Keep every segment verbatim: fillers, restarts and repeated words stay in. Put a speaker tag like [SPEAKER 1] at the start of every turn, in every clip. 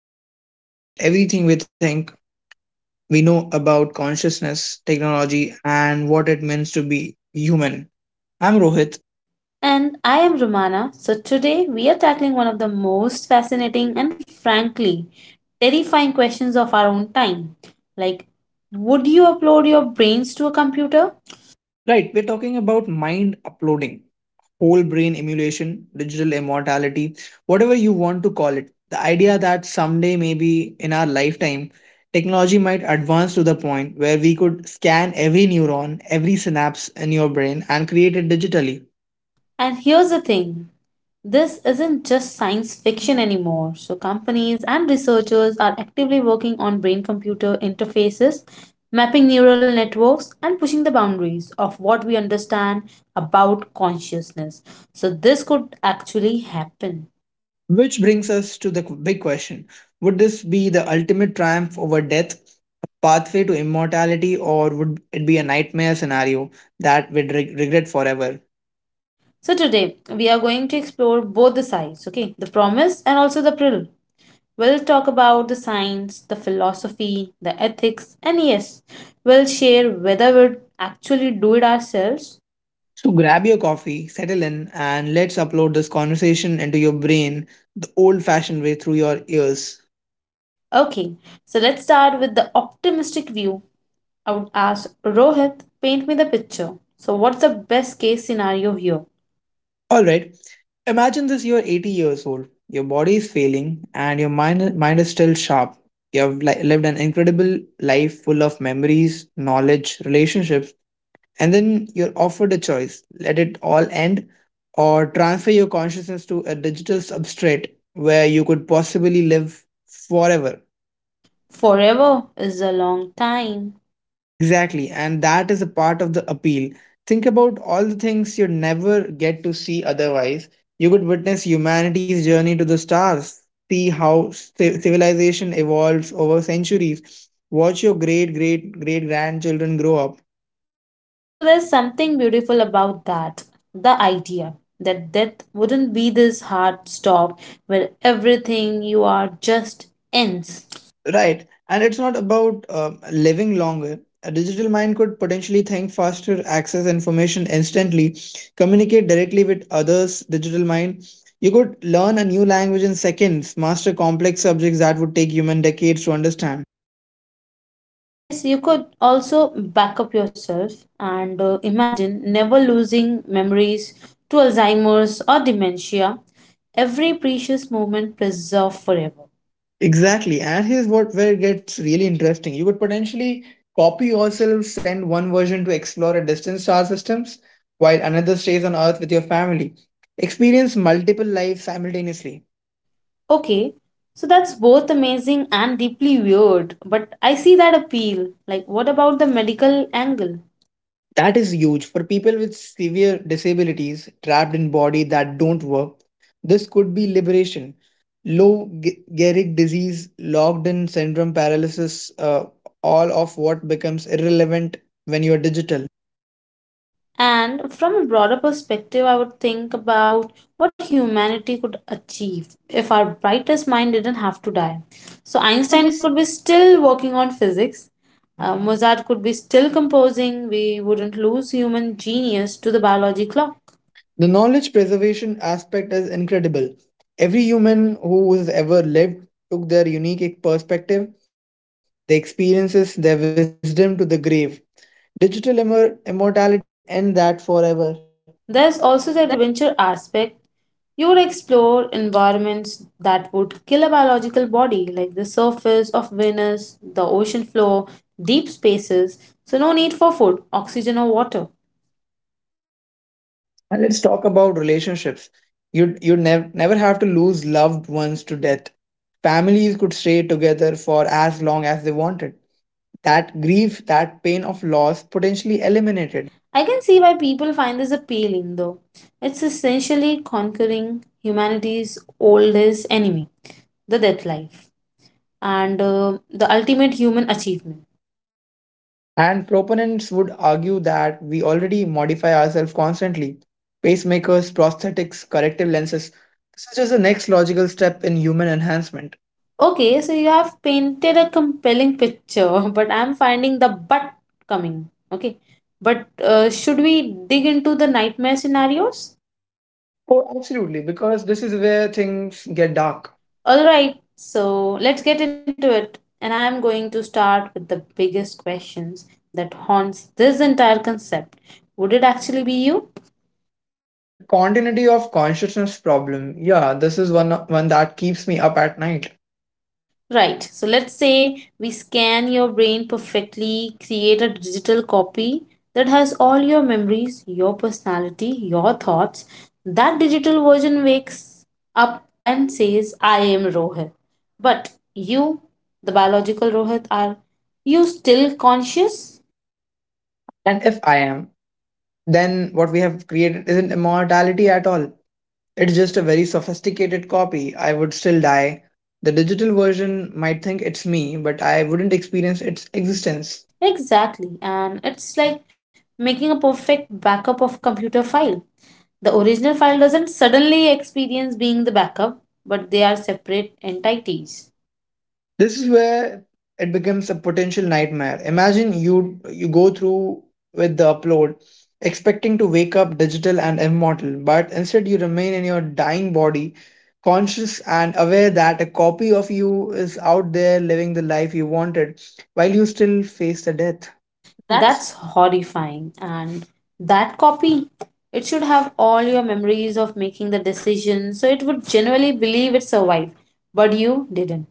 [SPEAKER 1] that challenge everything we think we know about consciousness, technology, and what it means to be human. I'm Rohit.
[SPEAKER 2] And I am Romana. So today we are tackling one of the most fascinating and frankly terrifying questions of our own time. Like, would you upload your brains to a computer?
[SPEAKER 1] Right, we're talking about mind uploading, whole brain emulation, digital immortality, whatever you want to call it. The idea that someday, maybe in our lifetime, technology might advance to the point where we could scan every neuron, every synapse in your brain and create it digitally.
[SPEAKER 2] And here's the thing this isn't just science fiction anymore. So, companies and researchers are actively working on brain computer interfaces, mapping neural networks, and pushing the boundaries of what we understand about consciousness. So, this could actually happen.
[SPEAKER 1] Which brings us to the qu- big question. Would this be the ultimate triumph over death, a pathway to immortality, or would it be a nightmare scenario that we'd reg- regret forever?
[SPEAKER 2] So today we are going to explore both the sides, okay? The promise and also the peril. We'll talk about the science, the philosophy, the ethics, and yes, we'll share whether we'll actually do it ourselves.
[SPEAKER 1] So grab your coffee, settle in, and let's upload this conversation into your brain the old fashioned way through your ears.
[SPEAKER 2] Okay, so let's start with the optimistic view. I would ask Rohit, paint me the picture. So what's the best case scenario here?
[SPEAKER 1] Alright, imagine this: you're eighty years old, your body is failing, and your mind, mind is still sharp. You have li- lived an incredible life full of memories, knowledge, relationships, and then you're offered a choice: let it all end or transfer your consciousness to a digital substrate where you could possibly live forever.
[SPEAKER 2] Forever is a long time.
[SPEAKER 1] Exactly, and that is a part of the appeal. Think about all the things you'd never get to see otherwise. You could witness humanity's journey to the stars, see how ci- civilization evolves over centuries, watch your great great great grandchildren grow up.
[SPEAKER 2] So there's something beautiful about that. The idea that death wouldn't be this hard stop where everything you are just ends.
[SPEAKER 1] Right. And it's not about um living longer. A digital mind could potentially think faster, access information instantly, communicate directly with others. Digital mind. You could learn a new language in seconds, master complex subjects that would take human decades to understand.
[SPEAKER 2] Yes, you could also back up yourself and uh, imagine never losing memories to Alzheimer's or dementia. Every precious moment preserved forever.
[SPEAKER 1] Exactly. And here's what where it gets really interesting. You could potentially copy yourself, send one version to explore a distant star systems, while another stays on Earth with your family. Experience multiple lives simultaneously.
[SPEAKER 2] Okay, so that's both amazing and deeply weird, but I see that appeal. Like, what about the medical angle?
[SPEAKER 1] That is huge for people with severe disabilities trapped in body that don't work. This could be liberation. Low Ge- Gehrig disease, locked in syndrome, paralysis, uh, all of what becomes irrelevant when you are digital.
[SPEAKER 2] And from a broader perspective, I would think about what humanity could achieve if our brightest mind didn't have to die.
[SPEAKER 1] So
[SPEAKER 2] So,
[SPEAKER 1] Einstein could be
[SPEAKER 2] Einstein
[SPEAKER 1] s-
[SPEAKER 2] could be still working on physics, uh, Mozart could be still composing, we wouldn't lose human genius to the biology clock.
[SPEAKER 1] The knowledge preservation aspect is incredible. Every human who has ever lived took their unique e-, perspective, their experiences, their wisdom to the grave. Digital immor- immortality could end that forever.
[SPEAKER 2] There's also the adventure aspect. You would explore environments that would kill a biological body, like the surface of Venus, the ocean floor, deep spaces. So, no need for food, oxygen, or water.
[SPEAKER 1] And let's talk about relationships. You'd you'd never never have to lose loved ones to death. Families could stay together for as long as they wanted. That grief, that pain of loss potentially eliminated.
[SPEAKER 2] I can see why people find this appealing, though. It's essentially conquering humanity's oldest enemy, the death life, and uh, the ultimate human achievement.
[SPEAKER 1] And proponents would argue that we already modify ourselves constantly. Pacemakers, prosthetics, corrective lenses. This is just the next logical step in human enhancement.
[SPEAKER 2] Okay, so you have painted a compelling picture, but I'm finding the but coming. Okay, but uh, should we dig into the nightmare scenarios?
[SPEAKER 1] Oh, absolutely, because this is where things get dark.
[SPEAKER 2] Alright, so let's get into it. And I'm going to start with the biggest questions that haunts this entire concept. Would it actually be you?
[SPEAKER 1] The continuity of consciousness problem. Yeah, this is one one that keeps me up at night.
[SPEAKER 2] Right. So let's say we scan your brain perfectly, create a digital copy that has all your memories, your personality, your thoughts. That digital version wakes up and says, I am Rohit. But you, the biological Rohit, are you still conscious?
[SPEAKER 1] And if I am, then what we have created isn't immortality at all. It's just a very sophisticated copy. I would still die. The digital version might think it's me, but I wouldn't experience its existence.
[SPEAKER 2] Exactly. And it's like making a perfect backup of computer file. The original file doesn't suddenly experience being the backup, but they are separate entities.
[SPEAKER 1] This is where it becomes a potential nightmare. Imagine you you go through with the upload, expecting to wake up digital and immortal, but instead you remain in your dying body, conscious and aware that a copy of you is out there living the life you wanted, while you still face the death. That's
[SPEAKER 2] That's horrifying. And that copy, it should have all your memories of making the decision, so it would genuinely believe it survived, but you didn't.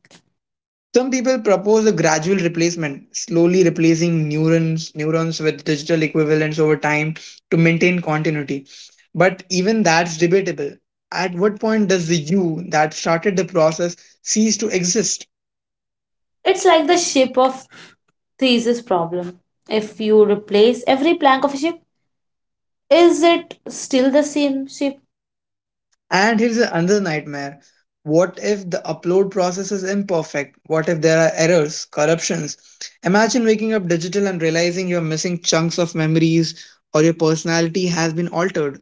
[SPEAKER 1] Some people propose a gradual replacement, slowly replacing neurons neurons with digital equivalents over time to maintain continuity. But even that's debatable. At what point does the you that started the process cease to exist?
[SPEAKER 2] It's like the ship of thesis problem. If you replace every plank of a ship, is it still the same ship?
[SPEAKER 1] And here's another nightmare. What if the upload process is imperfect? What if there are errors, corruptions? Imagine waking up digital and realizing you're missing chunks of memories or your personality has been altered.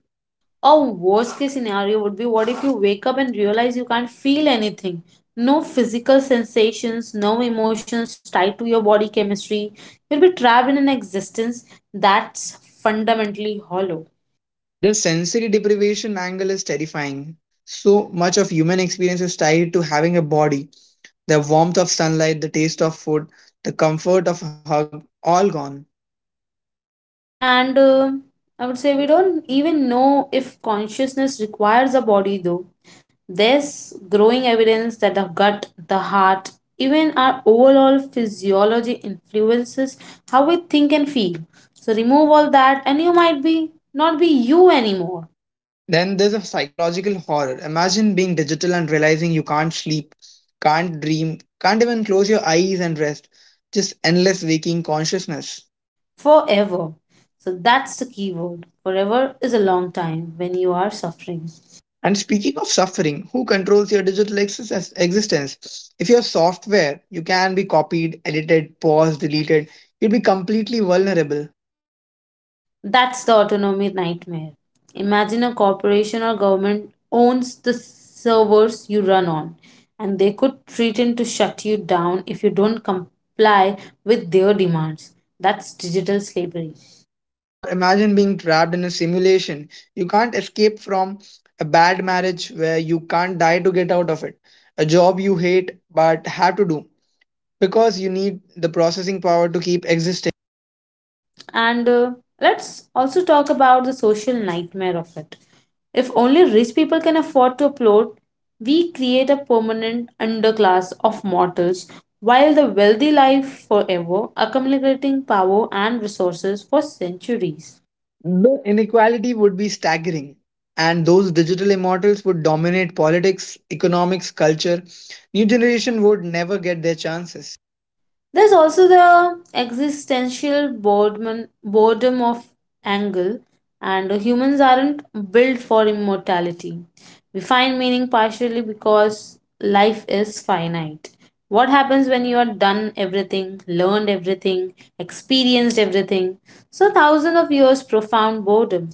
[SPEAKER 2] Or worst case scenario would be what if you wake up and realize you can't feel anything? No physical sensations, no emotions tied to your body chemistry. You'll be trapped in an existence that's fundamentally hollow.
[SPEAKER 1] The sensory deprivation angle is terrifying. So much of human experience is tied to having a body. The warmth of sunlight, the taste of food, the comfort of a hug, all gone.
[SPEAKER 2] And um I would say we don't even know if consciousness requires a body, though. There's growing evidence that the gut, the heart, even our overall physiology influences how we think and feel. So remove all that, and you might be not be you anymore
[SPEAKER 1] Then there's a psychological horror. Imagine being digital and realizing you can't sleep, can't dream, can't even close your eyes and rest. Just endless waking consciousness.
[SPEAKER 2] forever. So that's the key word. Forever is a long time when you are suffering.
[SPEAKER 1] And speaking of suffering, who controls your digital exis- existence? If you have software, you can be copied, edited, paused, deleted. You'd be completely vulnerable.
[SPEAKER 2] That's the autonomy nightmare. Imagine a corporation or government owns the servers you run on, and they could threaten to shut you down if you don't comply with their demands. That's digital slavery.
[SPEAKER 1] Or imagine being trapped in a simulation. You can't escape from a bad marriage where you can't die to get out of it. A job you hate but have to do because you need the processing power to keep existing.
[SPEAKER 2] And uh, let's also talk about the social nightmare of it. If only rich people can afford to upload, we create a permanent underclass of mortals, while the wealthy live forever, accumulating power and resources for centuries.
[SPEAKER 1] The inequality would be staggering, and those digital immortals would dominate politics, economics, culture. New generation would never get their chances,
[SPEAKER 2] There's also the existential boredom, boredom of angle, and humans aren't built for immortality. We find meaning partially because life is finite. What happens when you are done everything, learned everything, experienced everything? So, thousands of years profound boredom.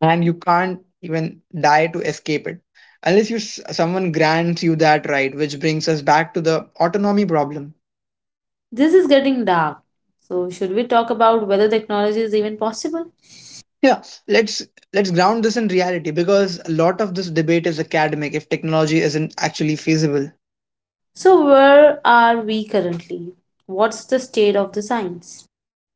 [SPEAKER 1] and you can't even die to escape it, unless you s- someone grants you that right. Which brings us back to the autonomy problem.
[SPEAKER 2] This is getting dark. So, should we talk about whether technology is even possible?
[SPEAKER 1] Yeah, let's let's ground this in reality because a lot of this debate is academic if technology isn't actually feasible.
[SPEAKER 2] So, where are we currently? What's the state of the science?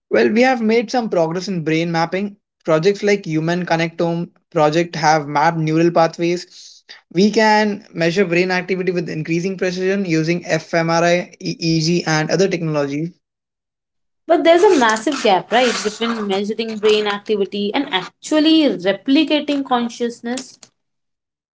[SPEAKER 1] Well, we have made some progress in brain mapping. Projects like Human Connectome project have mapped neural pathways. We can measure brain activity with increasing precision using f M R I, E E G, and other technology.
[SPEAKER 2] But there's a massive gap, right, between measuring brain activity and actually replicating consciousness.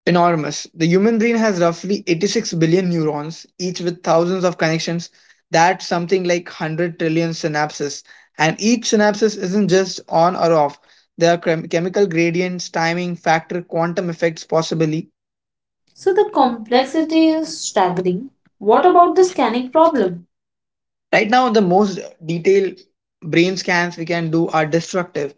[SPEAKER 1] Enormous. The human brain has roughly eighty-six billion neurons, each with thousands of connections. That's something like one hundred trillion synapses. And each synapses isn't just on or off. There are chem- chemical gradients, timing, factor, quantum effects, possibly.
[SPEAKER 2] So the complexity
[SPEAKER 1] Complexity is
[SPEAKER 2] is
[SPEAKER 1] staggering.
[SPEAKER 2] staggering. What
[SPEAKER 1] What
[SPEAKER 2] about
[SPEAKER 1] about
[SPEAKER 2] the
[SPEAKER 1] the
[SPEAKER 2] scanning
[SPEAKER 1] scanning
[SPEAKER 2] problem?
[SPEAKER 1] problem? Right now, the most detailed brain scans we can do are destructive.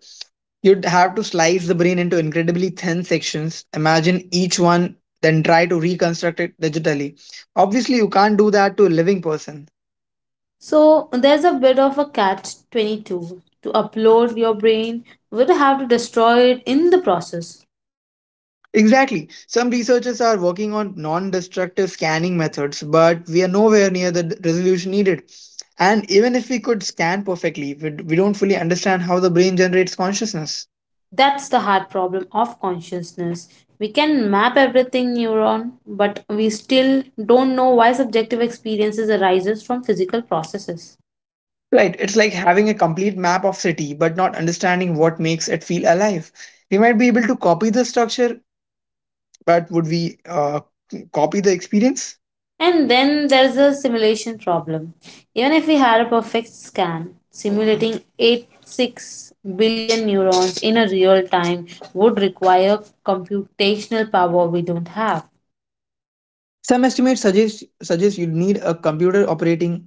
[SPEAKER 1] You'd have to slice the brain into incredibly thin sections, imagine each one, then try to reconstruct it digitally. Obviously, you can't do that to a living person.
[SPEAKER 2] So there's a bit of a catch twenty-two. To upload your brain, you would have to destroy it in the process.
[SPEAKER 1] Exactly. Some researchers are working on non destructive scanning methods, but we are nowhere near the d- resolution needed. And even if we could scan perfectly, we d- we don't fully understand how the brain generates consciousness.
[SPEAKER 2] That's the hard problem of consciousness. We can map everything neuron, but we still don't know why subjective experiences arises from physical processes.
[SPEAKER 1] Right, it's like having a complete map of city, but not understanding what makes it feel alive. We might be able to copy the structure, but would we uh, copy the experience?
[SPEAKER 2] And then there's a simulation problem. Even if we had a perfect scan, simulating eighty-six billion neurons in a real time would require computational power we don't have.
[SPEAKER 1] Some estimates suggest suggest you'd need a computer operating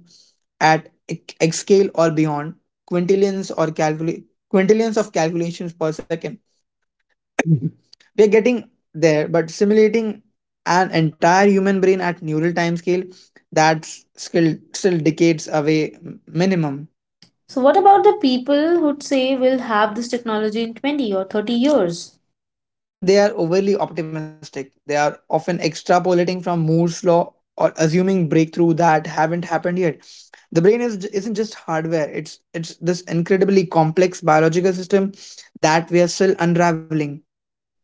[SPEAKER 1] at ex- exascale or beyond, quintillions or calcula- quintillions of calculations per second. we are getting there, but simulating an entire human brain at neural time scale that's still still decades away m- minimum.
[SPEAKER 2] So, what about the people who'd say we'll have this technology in twenty or thirty years?
[SPEAKER 1] I think they are overly optimistic. They are often extrapolating from Moore's law or assuming breakthrough that haven't happened yet. The brain is isn't just hardware. It's it's this incredibly complex biological system that we are still unraveling.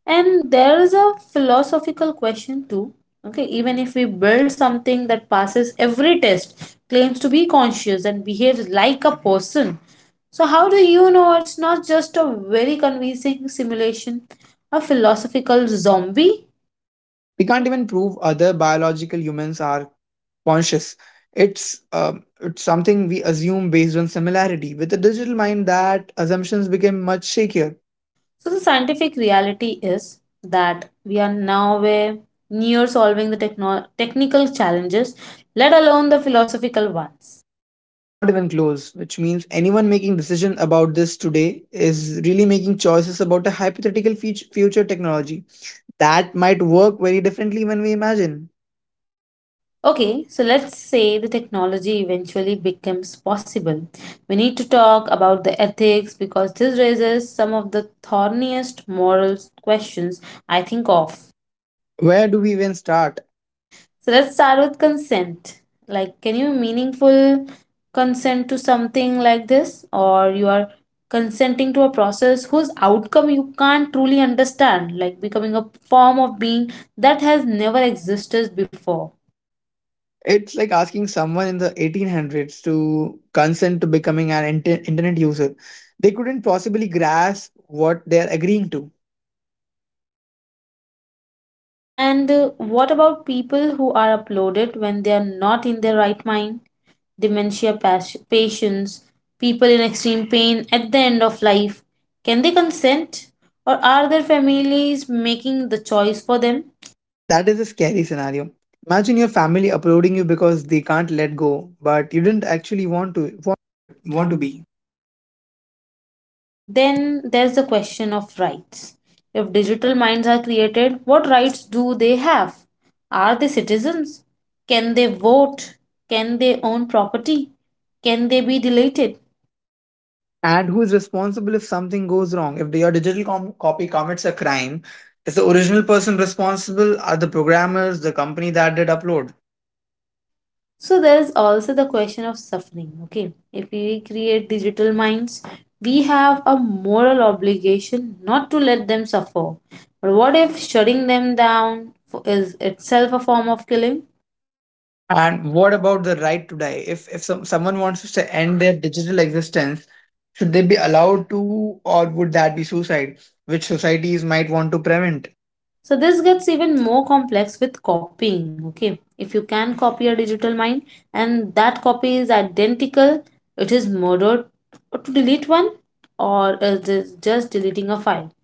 [SPEAKER 2] And there is a philosophical question too. Okay, even if we build something that passes every test, claims to be conscious and behaves like a person, so how do you know it's not just a very convincing simulation, a philosophical zombie?
[SPEAKER 1] We can't even prove other biological humans are conscious. It's um, it's something we assume based on similarity. With the digital mind, that assumptions became much shakier.
[SPEAKER 2] So the scientific reality is that we are now way near solving the techno- technical challenges, let alone the philosophical ones.
[SPEAKER 1] Not even close, which means anyone making decision about this today is really making choices about a hypothetical fut- future technology that might work very differently when we imagine.
[SPEAKER 2] Okay, so let's say the technology eventually becomes possible. We need to talk about the ethics because this raises some of the thorniest moral questions I think of.
[SPEAKER 1] Where do we even start?
[SPEAKER 2] So let's start with consent. Like, can you meaningful consent to something like this, or you are consenting to a process whose outcome you can't truly understand, like becoming a form of being that has never existed before?
[SPEAKER 1] It's like asking someone in the eighteen hundreds to consent to becoming an inter- internet user. They couldn't possibly grasp what they're agreeing to.
[SPEAKER 2] And uh, what about people who are uploaded when they are not in their right mind? Dementia pas- patients, people in extreme pain at the end of life. Can they consent? Or are their families making the choice for them?
[SPEAKER 1] That is a scary scenario. Imagine your family uploading you because they can't let go, but you didn't actually want to.
[SPEAKER 2] To it want to be Then there's the question of rights. If digital minds are created, what rights do they have? Are they citizens? Can they vote? Can they own property? Can they be deleted?
[SPEAKER 1] And who is responsible if something goes wrong? If your digital com- copy commits a crime, is the original person responsible? Are the programmers, the company that did upload?
[SPEAKER 2] So there's also the question of suffering. Okay, if we create digital minds, we have a moral obligation not to let them suffer. But what if shutting them down fo- is itself a form of killing?
[SPEAKER 1] And what about the right to die? If if some, someone wants to end their digital existence, should they be allowed to, or would that be suicide, which societies might want to prevent?
[SPEAKER 2] So this gets even more complex with copying. Okay, if you can copy a digital mind and that copy is identical, it is murder to delete one, or is this just deleting a file?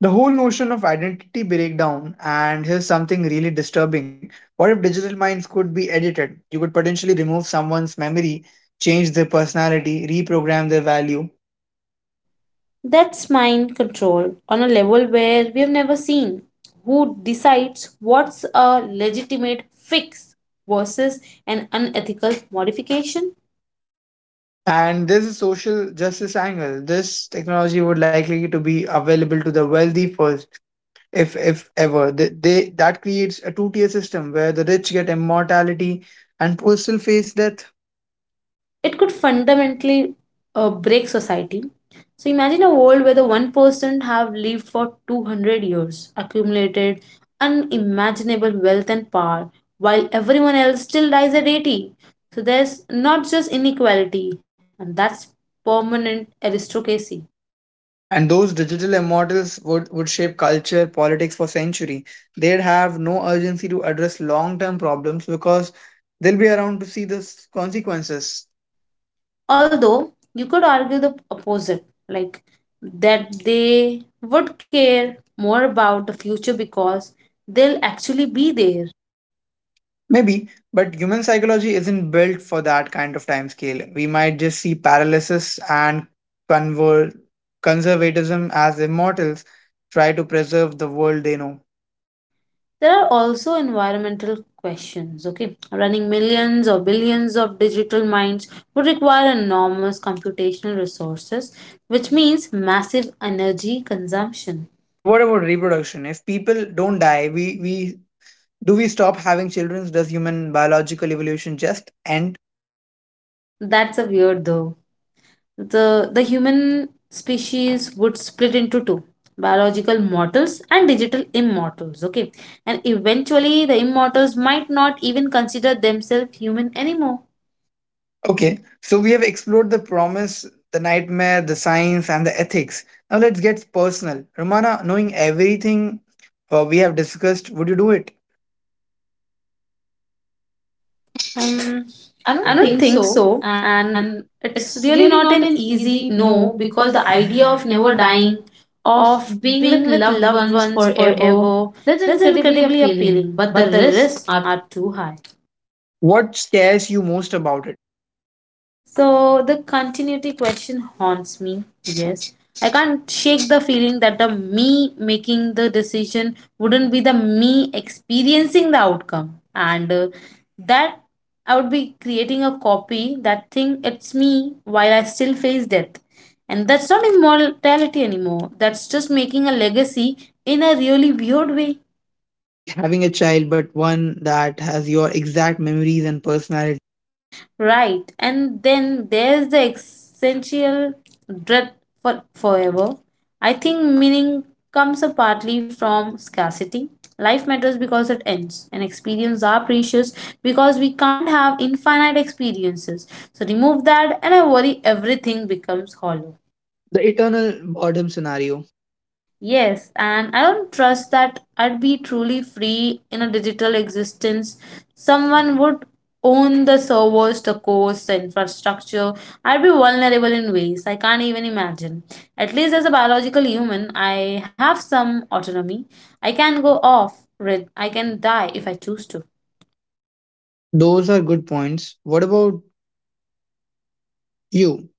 [SPEAKER 1] The whole notion of identity breakdown, and here's something really disturbing. What if digital minds could be edited? You could potentially remove someone's memory, change their personality, reprogram their value.
[SPEAKER 2] That's mind control on a level where we have never seen. Who decides what's a legitimate fix versus an unethical modification?
[SPEAKER 1] And there's a social justice angle. This technology would likely to be available to the wealthy first, if if ever. They, they that creates a two-tier system where the rich get immortality and poor still face death.
[SPEAKER 2] It could fundamentally uh, break society. So imagine a world where the one person have lived for two hundred years, accumulated unimaginable wealth and power, while everyone else still dies at eighty. So there's not just inequality, and that's permanent aristocracy.
[SPEAKER 1] And those digital immortals would, would shape culture, politics for century. They'd have no urgency to address long-term problems because they'll be around to see the s- consequences.
[SPEAKER 2] Although you could argue the opposite, like that they would care more about the future because they'll actually be there.
[SPEAKER 1] Maybe, but human psychology isn't built for that kind of time scale. We might just see paralysis and conver- conservatism as immortals try to preserve the world they know.
[SPEAKER 2] There are also environmental questions, okay? Running millions or billions of digital minds would require enormous computational resources, which means massive energy consumption.
[SPEAKER 1] And what about reproduction? If people don't die, we, we do we stop having children? Does human biological evolution just end?
[SPEAKER 2] That's a weird though. the the human species would split into two biological mortals and digital immortals, okay, and eventually the immortals might not even consider themselves human anymore.
[SPEAKER 1] Okay, so we have explored the promise, the nightmare, the science, and the ethics. Now let's get personal. Romana, knowing everything uh, we have discussed, would you do it?
[SPEAKER 2] um,
[SPEAKER 1] I
[SPEAKER 2] I
[SPEAKER 1] don't
[SPEAKER 2] don't
[SPEAKER 1] think
[SPEAKER 2] think so,
[SPEAKER 1] so. And
[SPEAKER 2] and it's
[SPEAKER 1] it's
[SPEAKER 2] really
[SPEAKER 1] really not
[SPEAKER 2] not an
[SPEAKER 1] an
[SPEAKER 2] easy
[SPEAKER 1] easy
[SPEAKER 2] no,
[SPEAKER 1] no because
[SPEAKER 2] because the
[SPEAKER 1] the idea
[SPEAKER 2] idea
[SPEAKER 1] of
[SPEAKER 2] of
[SPEAKER 1] never
[SPEAKER 2] never dying,
[SPEAKER 1] dying,
[SPEAKER 2] of
[SPEAKER 1] of being
[SPEAKER 2] being
[SPEAKER 1] with
[SPEAKER 2] with
[SPEAKER 1] loved
[SPEAKER 2] loved
[SPEAKER 1] ones
[SPEAKER 2] ones forever,
[SPEAKER 1] forever, that's
[SPEAKER 2] that's
[SPEAKER 1] incredibly
[SPEAKER 2] incredibly
[SPEAKER 1] appealing.
[SPEAKER 2] appealing,
[SPEAKER 1] But the
[SPEAKER 2] but the
[SPEAKER 1] risks
[SPEAKER 2] risks
[SPEAKER 1] are
[SPEAKER 2] are too high.
[SPEAKER 1] What scares you most about it?
[SPEAKER 2] So the continuity question haunts me. Yes. I can't shake the feeling that the me making the decision wouldn't be the me experiencing the outcome. And uh, that I would be creating a copy that thing it's me while I still face death. And that's not immortality anymore. That's just making a legacy in a really weird way.
[SPEAKER 1] Like having a child, but one that has your exact memories and personality.
[SPEAKER 2] Right. And then there's the essential dread for forever. I think meaning comes up partly from scarcity. Life matters because it ends, and experiences are precious because we can't have infinite experiences. So remove that, and I worry everything becomes hollow.
[SPEAKER 1] The eternal boredom scenario.
[SPEAKER 2] Yes, and I don't trust that I'd be truly free in a digital existence. Someone would own the servers, the codes, the infrastructure. I'd be vulnerable in ways I can't even imagine. At least as a biological human, I have some autonomy. I can go off grid. I can die if I choose to.
[SPEAKER 1] Those are good points. What about you?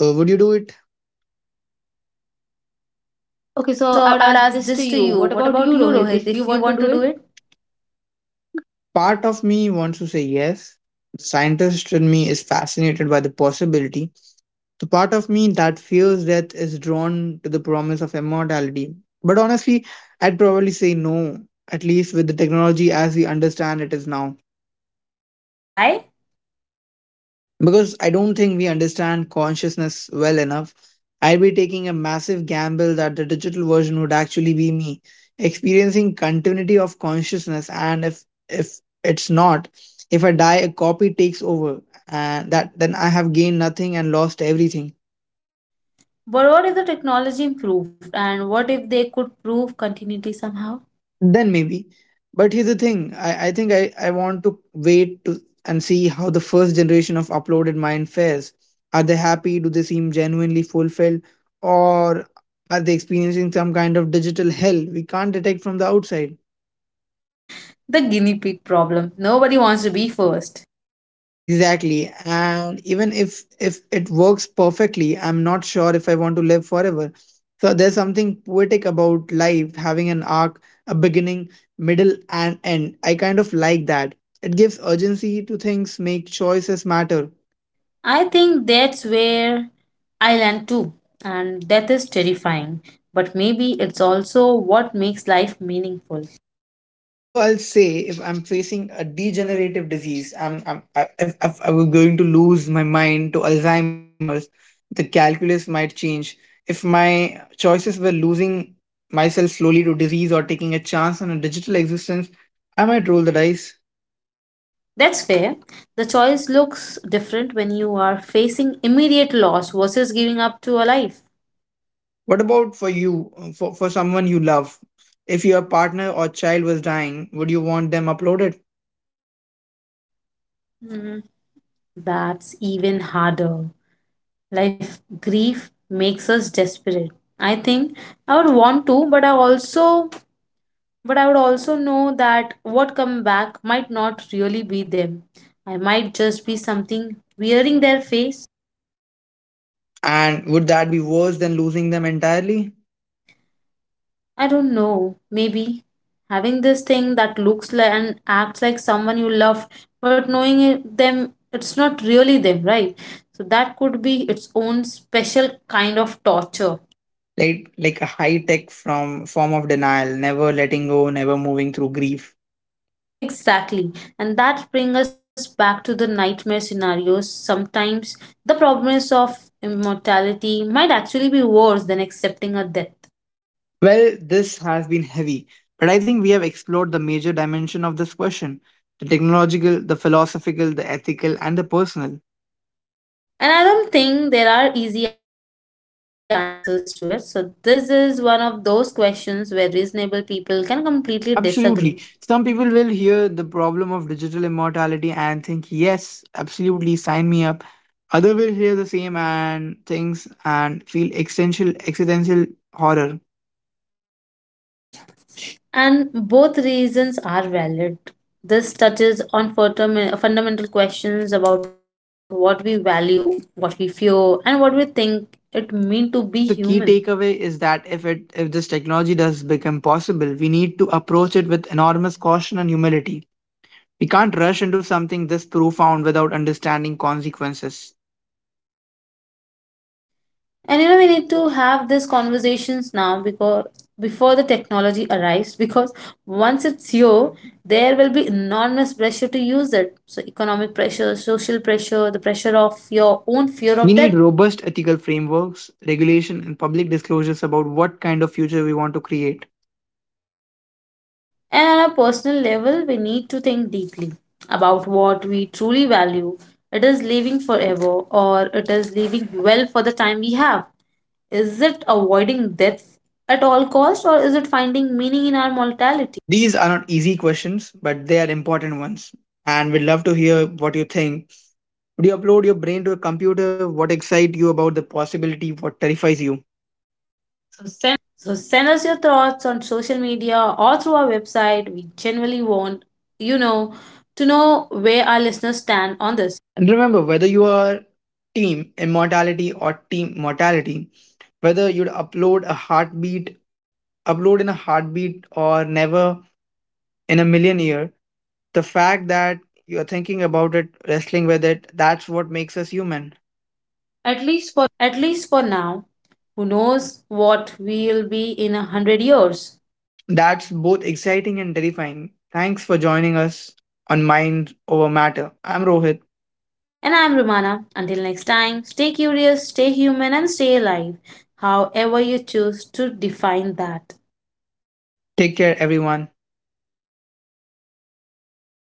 [SPEAKER 1] Uh, would you do it? Okay,
[SPEAKER 2] Okay,
[SPEAKER 1] so
[SPEAKER 2] so
[SPEAKER 1] I would
[SPEAKER 2] I would
[SPEAKER 1] ask
[SPEAKER 2] ask
[SPEAKER 1] this to
[SPEAKER 2] this to
[SPEAKER 1] you.
[SPEAKER 2] you.
[SPEAKER 1] What
[SPEAKER 2] What
[SPEAKER 1] about
[SPEAKER 2] about
[SPEAKER 1] you,
[SPEAKER 2] you,
[SPEAKER 1] Rohit,
[SPEAKER 2] Rohit,
[SPEAKER 1] if you
[SPEAKER 2] if you
[SPEAKER 1] want to
[SPEAKER 2] want to
[SPEAKER 1] do
[SPEAKER 2] do
[SPEAKER 1] it?
[SPEAKER 2] it?
[SPEAKER 1] Part of me wants to say yes. The scientist in me is fascinated by the possibility. The part of me that fears death is drawn to the promise of immortality. But honestly, I'd probably say no, at least with the technology as we understand it is now.
[SPEAKER 2] Why?
[SPEAKER 1] Because I don't think we understand consciousness well enough. I'd be taking a massive gamble that the digital version would actually be me, experiencing continuity of consciousness. And if if it's not, if I die, a copy takes over, and that then I have gained nothing and lost everything.
[SPEAKER 2] But what if the technology improved and what if they could prove continuity somehow?
[SPEAKER 1] Then maybe, but here's the thing, i, I think I, I want to wait to and see how the first generation of uploaded mind fares. Are they happy, do they seem genuinely fulfilled, or are they experiencing some kind of digital hell we can't detect from the outside?
[SPEAKER 2] The guinea pig problem. Nobody wants to be first.
[SPEAKER 1] Exactly. And even if if it works perfectly, I'm not sure if I want to live forever. So there's something poetic about life having an arc, a beginning, middle and end. I kind of like that. It gives urgency to things, make choices matter.
[SPEAKER 2] I think that's where I land too. And death is terrifying. But maybe it's also what makes life meaningful.
[SPEAKER 1] Although I'll say, if I'm facing a degenerative disease, I'm, I'm I, if, if I'm going to lose my mind to Alzheimer's, the calculus might change. If my choices were losing myself slowly to disease or taking a chance on a digital existence, I might roll the dice.
[SPEAKER 2] That's fair. The choice looks different when you are facing immediate loss versus giving up to a life.
[SPEAKER 1] What about for you, uh, for, for someone you love? If your partner or child was dying, would you want them uploaded?
[SPEAKER 2] Hmm, that's even harder. Life grief makes us desperate. I think I would want to, but I also but I would also know that what come back might not really be them. I might just be something wearing their face.
[SPEAKER 1] And would that be worse than losing them entirely?
[SPEAKER 2] I don't know. Maybe having this thing that looks like and acts like someone you loved, but knowing it, them, it's not really them, right? So that could be its own special kind of torture.
[SPEAKER 1] like like a high tech from form of denial, never letting go, never moving through grief.
[SPEAKER 2] Exactly. And that brings us back to the nightmare scenarios. Sometimes the problems of immortality might actually be worse than accepting a death.
[SPEAKER 1] Well, this has been heavy, but I think we have explored the major dimension of this question: the technological, the philosophical, the ethical, and the personal.
[SPEAKER 2] And I don't think there are easy answers to it. So, this is one of those questions where reasonable people can completely disagree.
[SPEAKER 1] Absolutely. Some people will hear the problem of digital immortality and think, yes, absolutely, sign me up. Other will hear the same and things and feel existential existential horror.
[SPEAKER 2] And both reasons are valid. This touches on fundam- fundamental questions about what we value, what we fear, and what we think it means to
[SPEAKER 1] I
[SPEAKER 2] be
[SPEAKER 1] think the key
[SPEAKER 2] human.
[SPEAKER 1] takeaway is that if it if this technology does become possible, we need to approach it with enormous caution and humility. We can't rush into something this profound without understanding consequences.
[SPEAKER 2] And you know, we need to have these conversations now because before the technology arrives, because once it's here, there will be enormous pressure to use it. So economic pressure, social pressure, the pressure of your own fear
[SPEAKER 1] We
[SPEAKER 2] of
[SPEAKER 1] need
[SPEAKER 2] death.
[SPEAKER 1] robust ethical frameworks, regulation, and public disclosures about what kind of future we want to create.
[SPEAKER 2] And on a personal level, we need to think deeply about what we truly value. It is living forever or it is living well for the time we have. Is it avoiding death at all cost or is it finding meaning in our mortality?
[SPEAKER 1] These are not easy questions, but they are important ones. And we'd love to hear what you think. Would you upload your brain to a computer? What excites you about the possibility? What terrifies you? So
[SPEAKER 2] So send us your thoughts on social media or through our website. We genuinely want, you know, to know where our listeners stand on this.
[SPEAKER 1] And remember, whether you are team immortality or team mortality, whether you'd upload a heartbeat, upload in a heartbeat or never in a million year, the fact that you're thinking about it, wrestling with it, that's what makes us human. At least
[SPEAKER 2] At
[SPEAKER 1] for
[SPEAKER 2] least for now, who knows what we'll be in a hundred years.
[SPEAKER 1] That's both exciting and terrifying. Thanks for joining us on Mind Over Matter. I'm Rohit.
[SPEAKER 2] And I'm Romana. Until next time, stay curious, stay human, and stay alive, however you choose to define that.
[SPEAKER 1] Take care, everyone.